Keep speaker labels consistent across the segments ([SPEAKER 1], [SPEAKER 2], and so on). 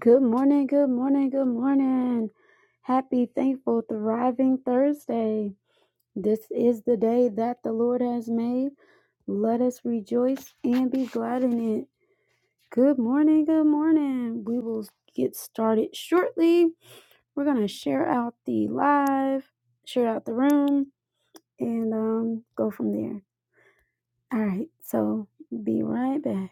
[SPEAKER 1] Good morning, good morning, good morning. Happy, thankful, thriving Thursday. This is the day that the Lord has made. Let us rejoice and be glad in it. Good morning, good morning. We will get started shortly. We're going to share out the live, share out the room, and um, go from there. All right, so be right back.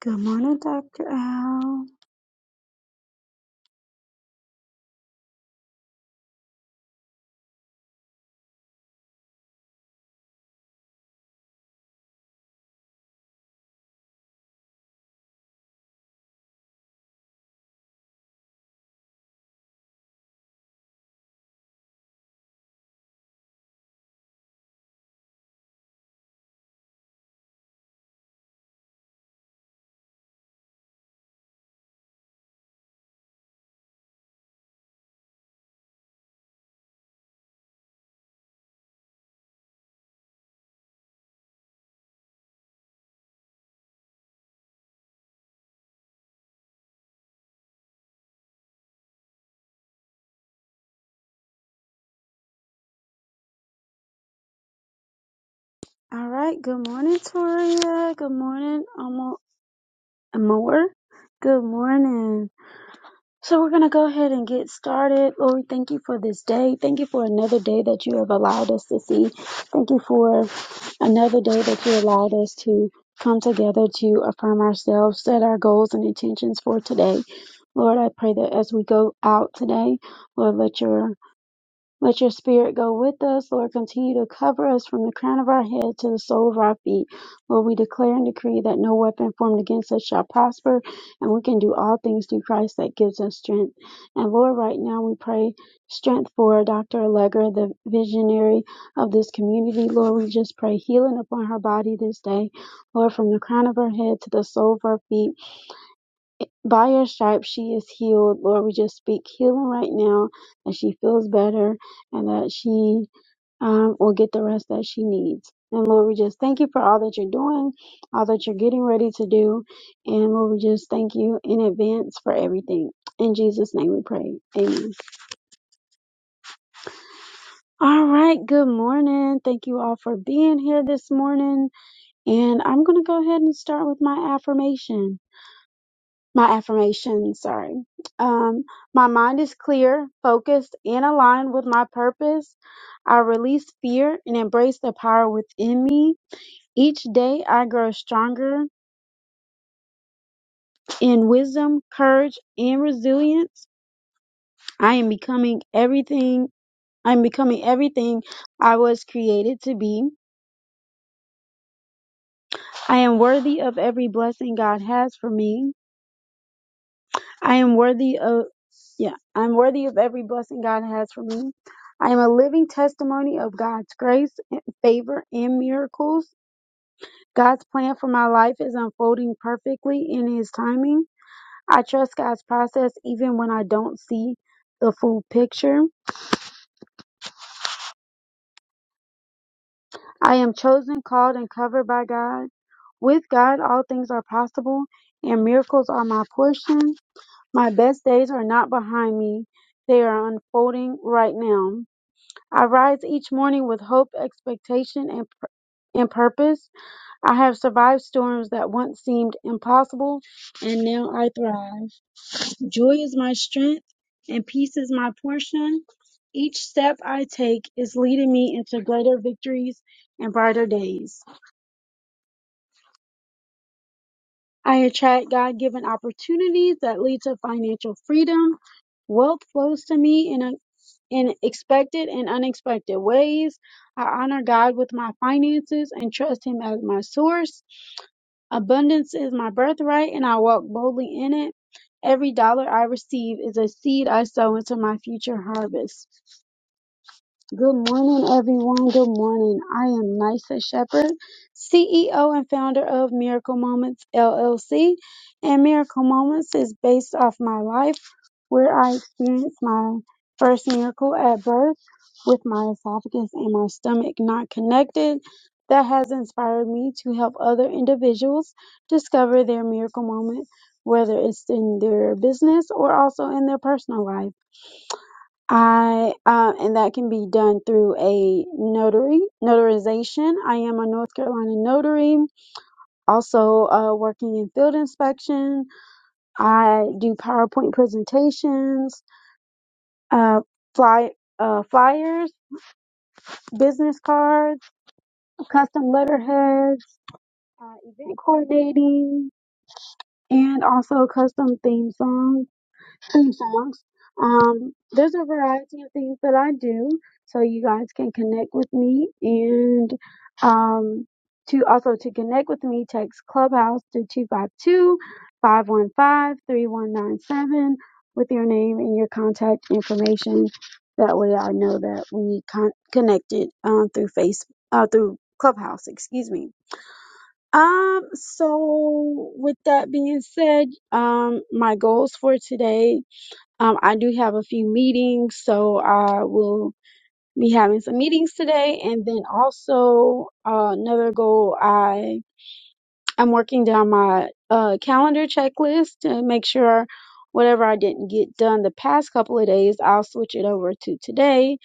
[SPEAKER 1] Good morning, Dr. Al. All right, good morning, Toria. Good morning, Almo More. Good morning. So we're going to go ahead and get started. Lord, we thank you for this day. Thank you for another day that you have allowed us to see. Thank you for another day that you allowed us to come together to affirm ourselves, set our goals and intentions for today. Lord, I pray that as we go out today, Lord, let your let your spirit go with us, Lord. Continue to cover us from the crown of our head to the sole of our feet. Lord, we declare and decree that no weapon formed against us shall prosper, and we can do all things through Christ that gives us strength. And Lord, right now we pray strength for Dr. Allegra, the visionary of this community. Lord, we just pray healing upon her body this day, Lord, from the crown of her head to the sole of her feet by your stripes she is healed. Lord, we just speak healing right now that she feels better and that she um, will get the rest that she needs. And Lord, we just thank you for all that you're doing, all that you're getting ready to do. And Lord, we just thank you in advance for everything. In Jesus' name we pray. Amen. All right. Good morning. Thank you all for being here this morning. And I'm going to go ahead and start with my affirmation. my affirmation, sorry. Um, my mind is clear, focused, and aligned with my purpose. I release fear and embrace the power within me. Each day I grow stronger in wisdom, courage, and resilience. I am becoming everything I'm becoming everything I was created to be. I am worthy of every blessing God has for me. I am worthy of yeah, I'm worthy of every blessing God has for me. I am a living testimony of God's grace, favor, and miracles. God's plan for my life is unfolding perfectly in His timing. I trust God's process even when I don't see the full picture. I am chosen, called, and covered by God. With God, all things are possible, and miracles are my portion. My best days are not behind me, they are unfolding right now. I rise each morning with hope, expectation, and, pur- and purpose. I have survived storms that once seemed impossible, and now I thrive. Joy is my strength, and peace is my portion. Each step I take is leading me into greater victories and brighter days. I attract God given opportunities that lead to financial freedom. Wealth flows to me in in expected and unexpected ways. I honor God with my finances and trust Him as my source. Abundance is my birthright, and I walk boldly in it. Every dollar I receive is a seed I sow into my future harvest. Good morning, everyone. Good morning. I am Nysa Shepherd, CEO and founder of Miracle Moments LLC. And Miracle Moments is based off my life where I experienced my first miracle at birth with my esophagus and my stomach not connected. That has inspired me to help other individuals discover their miracle moment, whether it's in their business or also in their personal life. I uh, and that can be done through a notary notarization. I am a North Carolina notary. Also uh, working in field inspection. I do PowerPoint presentations, uh, fly uh, flyers, business cards, custom letterheads, uh, event coordinating, and also custom theme songs. theme songs. Um, there's a variety of things that I do, so you guys can connect with me. And um, to also to connect with me, text Clubhouse to two five two five one five three one nine seven with your name and your contact information. That way, I know that we con- connected um, through Face uh, through Clubhouse. Excuse me. Um. So, with that being said, um, my goals for today um, I do have a few meetings, so I will be having some meetings today. And then also uh, another goal, I I'm working down my uh, calendar checklist to make sure whatever I didn't get done the past couple of days, I'll switch it over to today.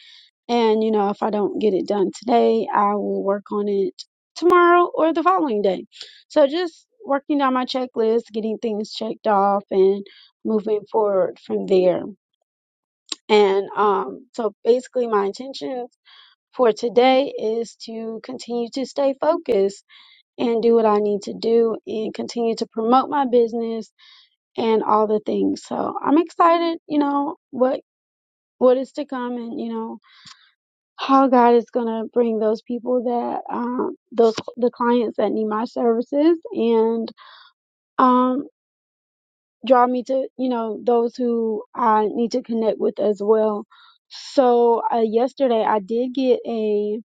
[SPEAKER 1] And you know, if I don't get it done today, I will work on it tomorrow or the following day. So just working down my checklist, getting things checked off, and moving forward from there. And um, so basically, my intentions for today is to continue to stay focused and do what I need to do and continue to promote my business and all the things. So I'm excited, you know, what what is to come and you know how God is going to bring those people that um those the clients that need my services and um draw me to you know those who I need to connect with as well. So uh, yesterday I did get a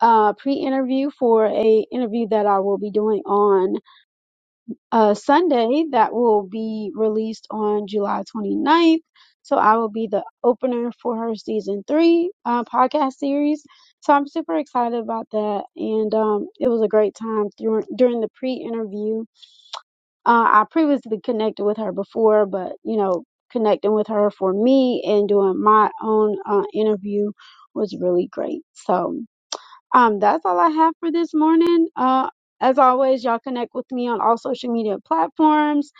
[SPEAKER 1] uh, pre-interview for a interview that I will be doing on uh, Sunday that will be released on July 29th. So I will be the opener for her season three uh, podcast series. So I'm super excited about that, and um, it was a great time through, during the pre-interview uh, I previously connected with her before, but you know, connecting with her for me and doing my own uh, interview was really great. So, um, that's all I have for this morning. Uh, as always, y'all connect with me on all social media platforms.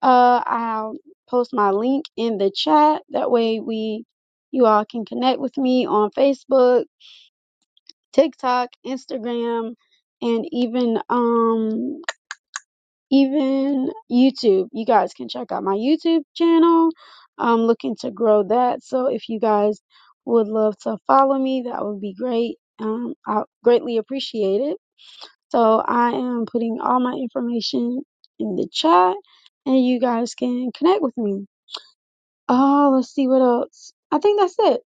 [SPEAKER 1] Uh, I'll post my link in the chat. That way, we you all can connect with me on Facebook, TikTok, Instagram, and even um even YouTube. You guys can check out my YouTube channel. I'm looking to grow that. So if you guys would love to follow me, that would be great. Um, I greatly appreciate it. So I am putting all my information in the chat and you guys can connect with me. Oh, let's see what else. I think that's it.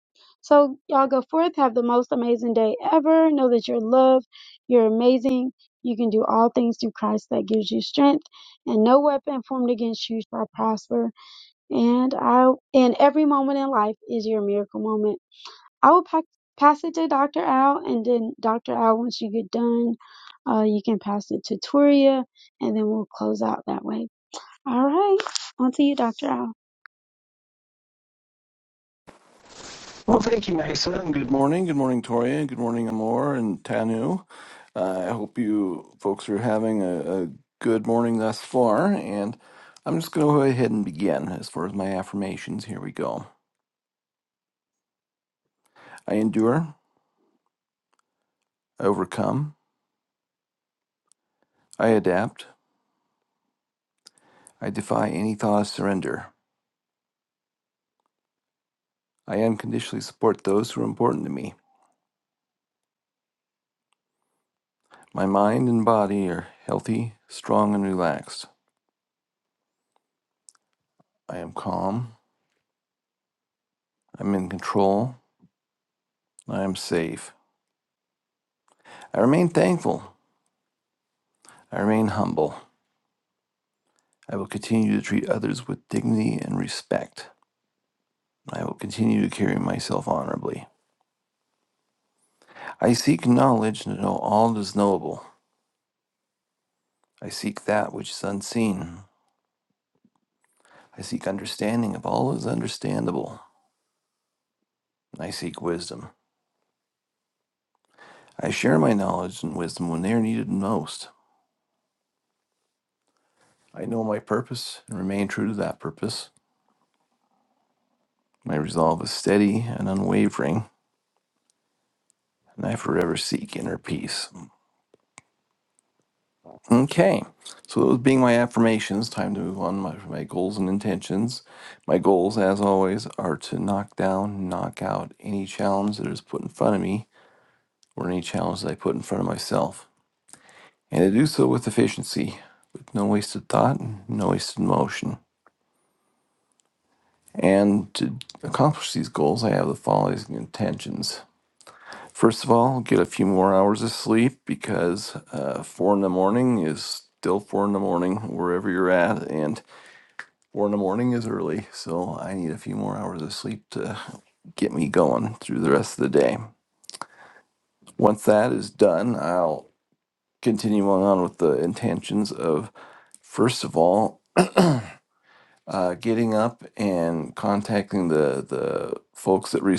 [SPEAKER 1] So, y'all go forth, have the most amazing day ever. Know that you're loved, you're amazing, you can do all things through Christ that gives you strength, and no weapon formed against you shall prosper. And I, and every moment in life is your miracle moment. I will pack, pass it to Dr. Al, and then Dr. Al, once you get done, uh, you can pass it to Toria, and then we'll close out that way. All right, on to you, Dr. Al.
[SPEAKER 2] Well, thank you, Mesa, and good morning. Good morning, Toria. Good morning, Amor and Tanu. Uh, I hope you folks are having a, a good morning thus far, and I'm just going to go ahead and begin as far as my affirmations. Here we go. I endure, I overcome, I adapt, I defy any thought of surrender. I unconditionally support those who are important to me. My mind and body are healthy, strong, and relaxed. I am calm, I'm in control, I am safe. I remain thankful. I remain humble. I will continue to treat others with dignity and respect. I will continue to carry myself honorably. I seek knowledge to know all that is knowable. I seek that which is unseen. I seek understanding of all that is understandable. I seek wisdom. I share my knowledge and wisdom when they are needed most. I know my purpose and remain true to that purpose. My resolve is steady and unwavering, and I forever seek inner peace. Okay, so those being my affirmations, time to move on to my, my goals and intentions. My goals, as always, are to knock down, knock out any challenge that is put in front of me or any challenge that I put in front of myself, and to do so with efficiency, with no wasted thought, no wasted motion. And to accomplish these goals, I have the following intentions. First of all, get a few more hours of sleep because uh, four in the morning is still four in the morning wherever you're at, and Four in the morning is early, so I need a few more hours of sleep to get me going through the rest of the day. Once that is done, I'll continue on with the intentions of first of all, uh, getting up and contacting the the folks that re-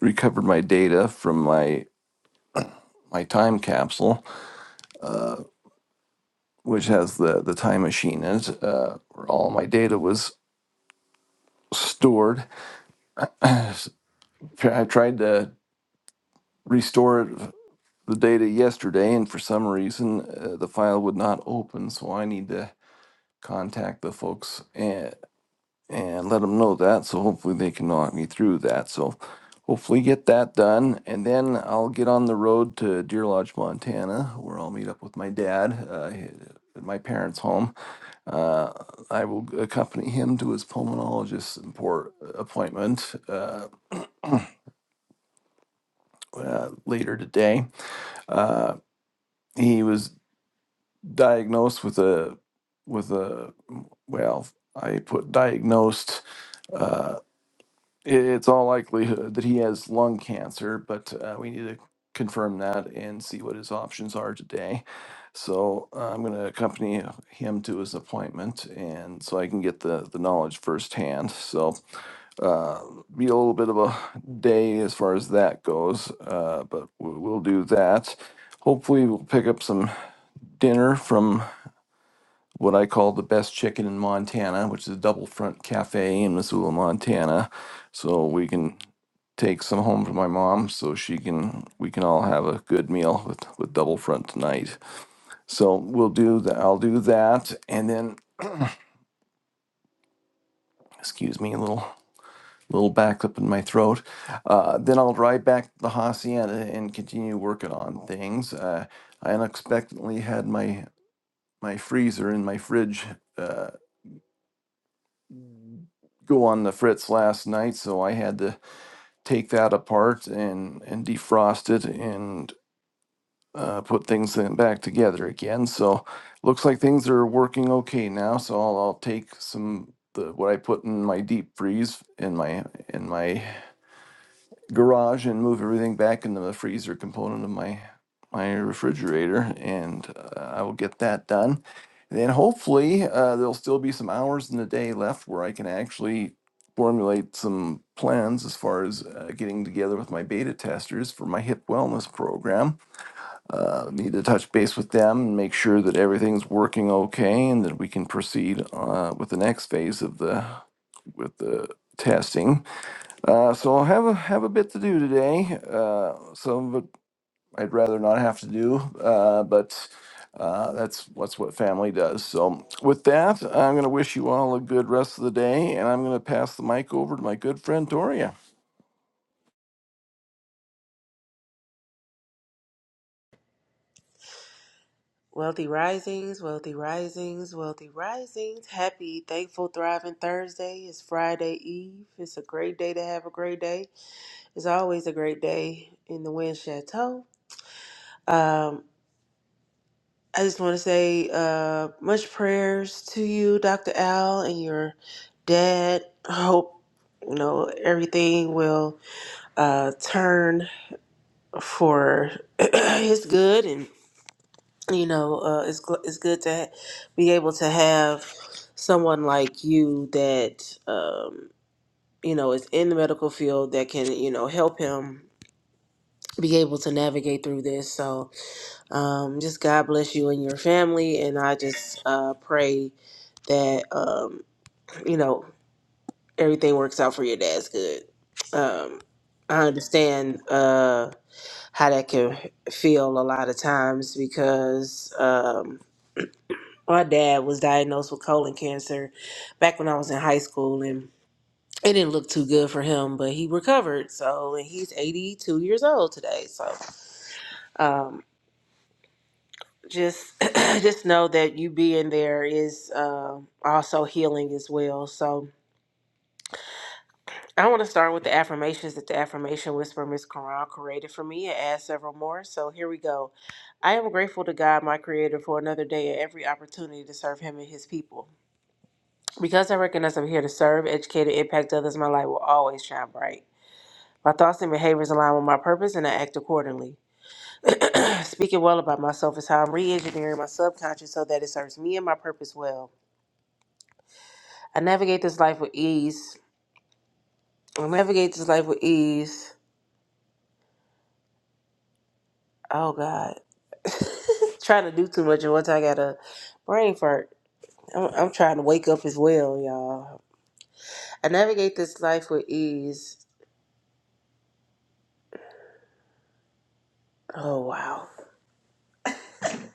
[SPEAKER 2] recovered my data from my my time capsule, uh, which has the the time machine in it, uh, where all my data was stored. I tried to restore it the data yesterday, and for some reason uh, the file would not open. So I need to contact the folks and and let them know that. So hopefully they can knock me through that. So hopefully get that done, and then I'll get on the road to Deer Lodge, Montana, where I'll meet up with my dad. Uh, at my parents' home. Uh, I will accompany him to his pulmonologist import uh, appointment uh, uh, later today. Uh, he was diagnosed with a with a well i put diagnosed uh it, it's all likelihood that he has lung cancer but uh, we need to confirm that and see what his options are today so uh, i'm going to accompany him to his appointment and so i can get the the knowledge firsthand so uh be a little bit of a day as far as that goes uh but we- we'll do that hopefully we'll pick up some dinner from what I call the best chicken in Montana, which is a double front cafe in Missoula, Montana. So we can take some home for my mom so she can we can all have a good meal with, with double front tonight. So we'll do that I'll do that and then excuse me a little little back up in my throat. Uh, then I'll drive back to the hacienda and continue working on things. Uh, I unexpectedly had my my freezer in my fridge uh, go on the fritz last night, so I had to take that apart and and defrost it and uh, put things in back together again. So looks like things are working okay now. So I'll, I'll take some the what I put in my deep freeze in my in my garage and move everything back into the freezer component of my my refrigerator, and uh, I will get that done. Then hopefully uh, there'll still be some hours in the day left where I can actually formulate some plans as far as uh, getting together with my beta testers for my hip wellness program. Uh, need to touch base with them and make sure that everything's working okay, and that we can proceed uh, with the next phase of the with the testing uh, so I have a have a bit to do today. Uh, some of it I'd rather not have to do, uh, but uh, that's what's what family does. So with that, I'm going to wish you all a good rest of the day, and I'm going to pass the mic over to my good friend Toria.
[SPEAKER 3] Wealthy risings, wealthy risings, wealthy risings. Happy, thankful, thriving Thursday. It's Friday Eve. It's a great day to have a great day. It's always a great day in the Wind Chateau. Um, I just want to say uh, much prayers to you, Dr. Al, and your dad. I hope you know everything will uh, turn for his good and. you know, uh, it's gl- it's good to ha- be able to have someone like you that um, you know is in the medical field that can you know help him be able to navigate through this. So um, just God bless you and your family, and I just uh, pray that um, you know everything works out for your dad's good. Um, I understand uh, how that can feel a lot of times because. Um, my dad was diagnosed with colon cancer back when I was in high school, and it didn't look too good for him, but he recovered. So, and he's 82 years old today. So, um, just just know that you being there is uh, also healing as well. So, I want to start with the affirmations that the affirmation whisper Miss Quran created for me and add several more. So, here we go. I am grateful to God, my creator, for another day and every opportunity to serve him and his people. Because I recognize I'm here to serve, educate, and impact others, my light will always shine bright. My thoughts and behaviors align with my purpose, and I act accordingly. Speaking well about myself is how I'm re engineering my subconscious so that it serves me and my purpose well. I navigate this life with ease. I navigate this life with ease. Oh, God. trying to do too much, and once I got a brain fart, I'm, I'm trying to wake up as well, y'all. I navigate this life with ease. Oh, wow.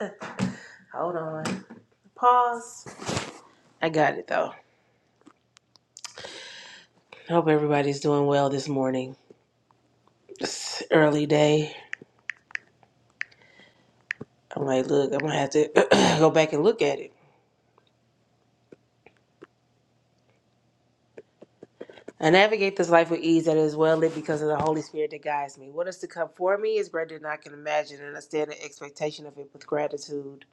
[SPEAKER 3] Hold on. Pause. I got it though. I hope everybody's doing well this morning. It's early day. I'm like, look, I'm gonna have to go back and look at it. I navigate this life with ease that is well lit because of the Holy Spirit that guides me. What is to come for me is greater than I can imagine, and I stand in expectation of it with gratitude.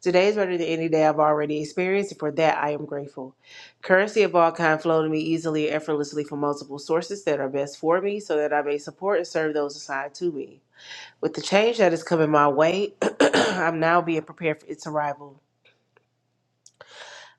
[SPEAKER 3] Today is better than any day I've already experienced, and for that I am grateful. Currency of all kind flow to me easily and effortlessly from multiple sources that are best for me, so that I may support and serve those assigned to me. With the change that is coming my way, I'm now being prepared for its arrival.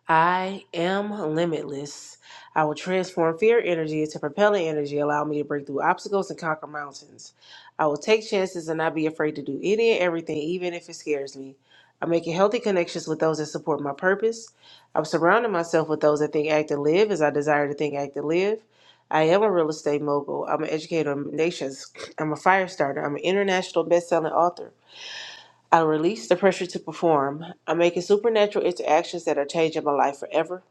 [SPEAKER 3] I am limitless. I will transform fear energy into propelling energy, allow me to break through obstacles and conquer mountains. I will take chances and not be afraid to do any and everything, even if it scares me. I'm making healthy connections with those that support my purpose. I'm surrounding myself with those that think, act, and live as I desire to think, act, and live. I am a real estate mogul. I'm an educator of nations. I'm a fire starter. I'm an international best-selling author. I release the pressure to perform. I'm making supernatural interactions that are changing my life forever.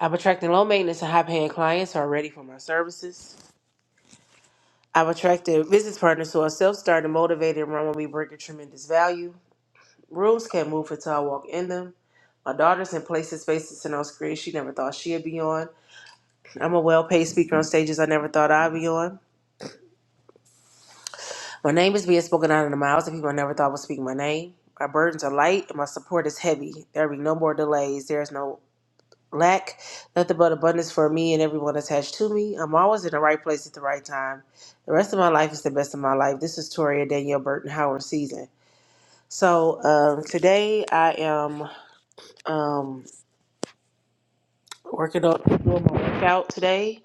[SPEAKER 3] I'm attracting low maintenance and high paying clients who are ready for my services. I've attracted business partners who are self started, motivated, and run with me, bringing tremendous value. Rooms can't move until I walk in them. My daughter's in places, spaces, and on screens she never thought she'd be on. I'm a well paid speaker on stages I never thought I'd be on. My name is being spoken out in the mouths of people I never thought would speak my name. My burdens are light and my support is heavy. There will be no more delays. There is no lack nothing but abundance for me and everyone attached to me. I'm always in the right place at the right time. The rest of my life is the best of my life. This is Toria Danielle Burton Howard season. So um, today I am um, working on doing my workout today.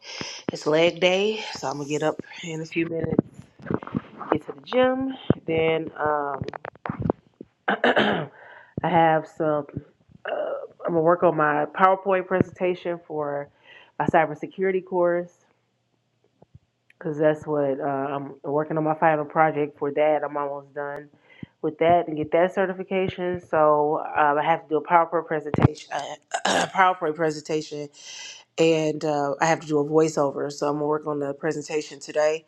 [SPEAKER 3] It's leg day, so I'm gonna get up in a few minutes, get to the gym. Then um, I have some. Uh, I'm gonna work on my PowerPoint presentation for my cybersecurity course. Cause that's what uh, I'm working on my final project for that. I'm almost done with that and get that certification. So um, I have to do a PowerPoint presentation, uh, PowerPoint presentation, and uh, I have to do a voiceover. So I'm gonna work on the presentation today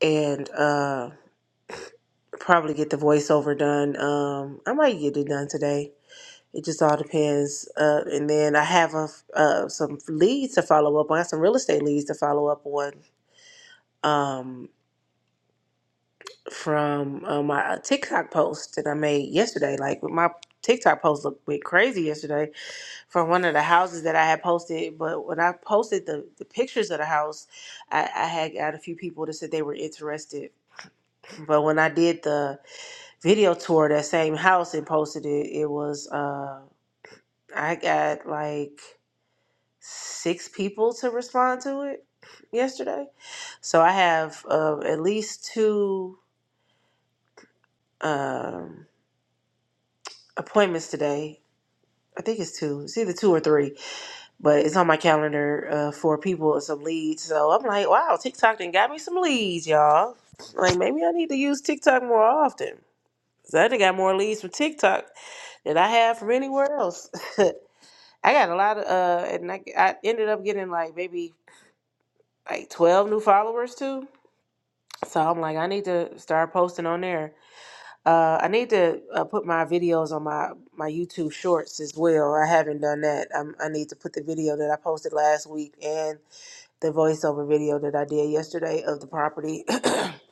[SPEAKER 3] and uh, probably get the voiceover done. Um, I might get it done today. It just all depends. Uh, and then I have a, uh, some leads to follow up. on. I got some real estate leads to follow up on. Um, from uh, my uh, TikTok post that I made yesterday. Like my TikTok post looked a bit crazy yesterday from one of the houses that I had posted. But when I posted the, the pictures of the house, I, I had got a few people that said they were interested. But when I did the video tour of that same house and posted it, it was uh, I got like six people to respond to it yesterday. So I have uh, at least two um, appointments today I think it's two. It's either two or three, but it's on my calendar uh, for people and some leads. So I'm like, wow, TikTok done got me some leads, y'all. Like maybe I need to use TikTok more often. 'Cause I done got more leads from TikTok than I have from anywhere else. I got a lot of, uh, and I, I ended up getting like maybe like 12 new followers too. So I'm like, I need to start posting on there Uh, I need to uh, put my videos on my my YouTube Shorts as well. I haven't done that. i I need to put the video that I posted last week and the voiceover video that I did yesterday of the property.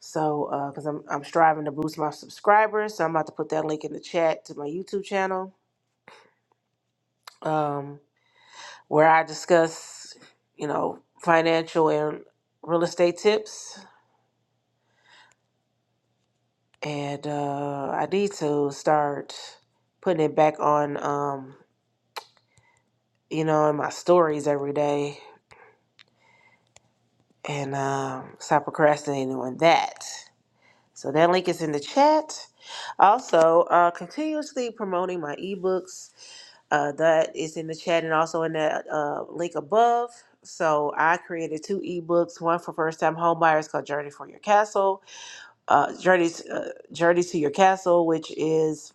[SPEAKER 3] so, because I'm I'm striving to boost my subscribers, so I'm about to put that link in the chat to my YouTube channel, um, where I discuss, you know, financial and real estate tips. And uh, I need to start putting it back on. Um, you know, in my stories every day and um, stop procrastinating on that. So that link is in the chat. Also, uh, continuously promoting my ebooks. Uh, that is in the chat and also in that uh, link above. So I created two ebooks. One for first-time homebuyers called "Journey for Your Castle," uh, "Journey uh, Journey to Your Castle," which is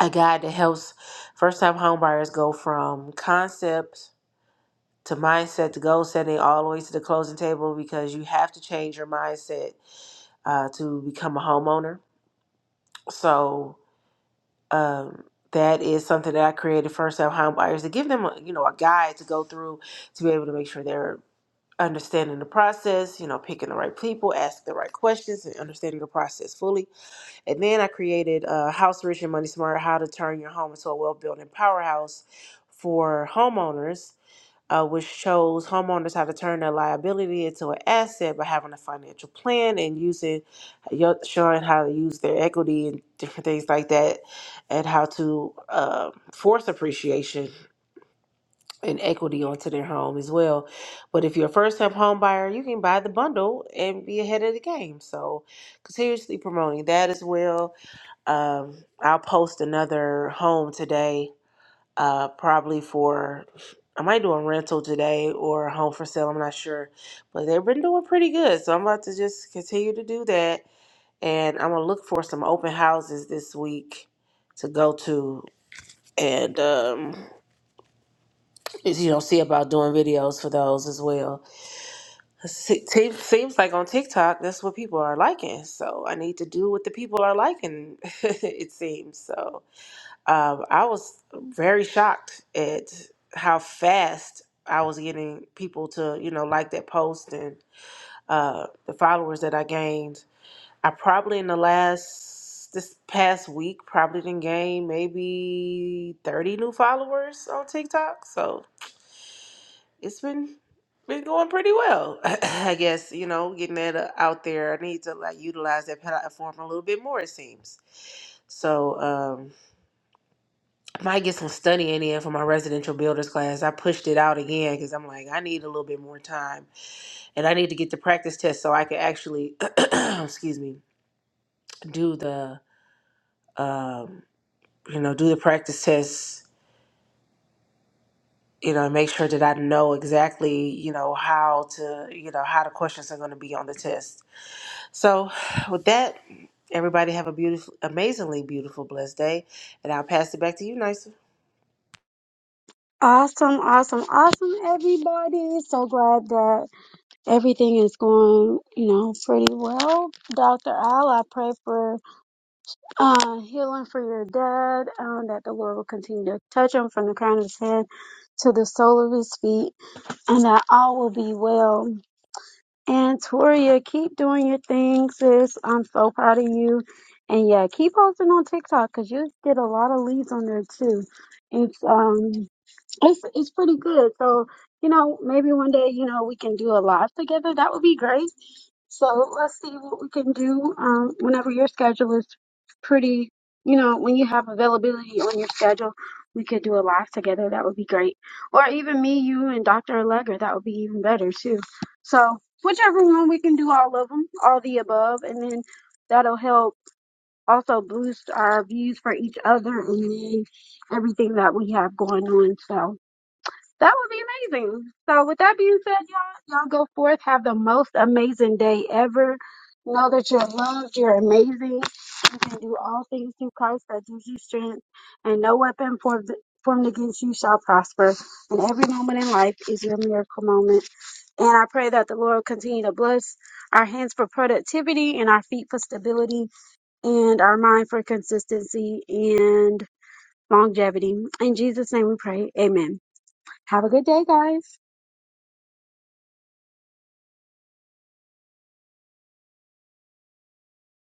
[SPEAKER 3] a guide that helps first-time homebuyers go from concept to mindset to goal setting all the way to the closing table because you have to change your mindset uh, to become a homeowner so um, that is something that i created for self home buyers to give them a, you know a guide to go through to be able to make sure they're understanding the process you know picking the right people asking the right questions and understanding the process fully and then i created uh, house rich and money smart how to turn your home into a well-built and powerhouse for homeowners uh, which shows homeowners how to turn their liability into an asset by having a financial plan and using, yo- showing how to use their equity and different things like that, and how to uh, force appreciation and equity onto their home as well. But if you're a first-time home buyer, you can buy the bundle and be ahead of the game. So, continuously promoting that as well. Um, I'll post another home today uh, probably for I might do a rental today or a home for sale. I'm not sure, but they've been doing pretty good. So I'm about to just continue to do that, and I'm gonna look for some open houses this week to go to, and um, you know see about doing videos for those as well. Se- te- Seems like on TikTok that's what people are liking, so I need to do what the people are liking. it seems so. um, I was very shocked at how fast I was getting people to, you know, like that post and uh, the followers that I gained. I probably in the last this past week probably didn't gain maybe thirty new followers on TikTok. So it's been been going pretty well, I guess. You know, getting that uh, out there. I need to like utilize that platform a little bit more. It seems so. um, I might get some studying in for my residential builders class. I pushed it out again because I'm like, I need a little bit more time and I need to get the practice test so I can actually, excuse me, do the, um, you know, do the practice test, you know, and make sure that I know exactly, you know, how to, you know, how the questions are going to be on the test. So with that, everybody have a beautiful, amazingly beautiful, blessed day. And I'll pass it back to you, Nysa.
[SPEAKER 1] Awesome, awesome, awesome, everybody. So glad that everything is going, you know, pretty well. Dr. Al, I pray for uh, healing for your dad, um, that the Lord will continue to touch him from the crown of his head to the sole of his feet, and that all will be well. And Toria, keep doing your thing, sis. I'm so proud of you. And yeah, keep posting on TikTok because you get a lot of leads on there too. It's um it's it's pretty good. So, you know, maybe one day, you know, we can do a live together. That would be great. So let's see what we can do um, whenever your schedule is pretty, you know, when you have availability on your schedule, we could do a live together. That would be great. Or even me, you, and Dr. Allegra. That would be even better too. So whichever one we can do all of them, all the above, and then that'll help also boost our views for each other and then everything that we have going on. So. That would be amazing. So, with that being said, y'all, y'all go forth, have the most amazing day ever. Know that you're loved, you're amazing. You can do all things through Christ that gives you strength, and no weapon formed, formed against you shall prosper. And every moment in life is your miracle moment. And I pray that the Lord will continue to bless our hands for productivity, and our feet for stability, and our mind for consistency and longevity. In Jesus' name we pray. Amen. Have a good day, guys.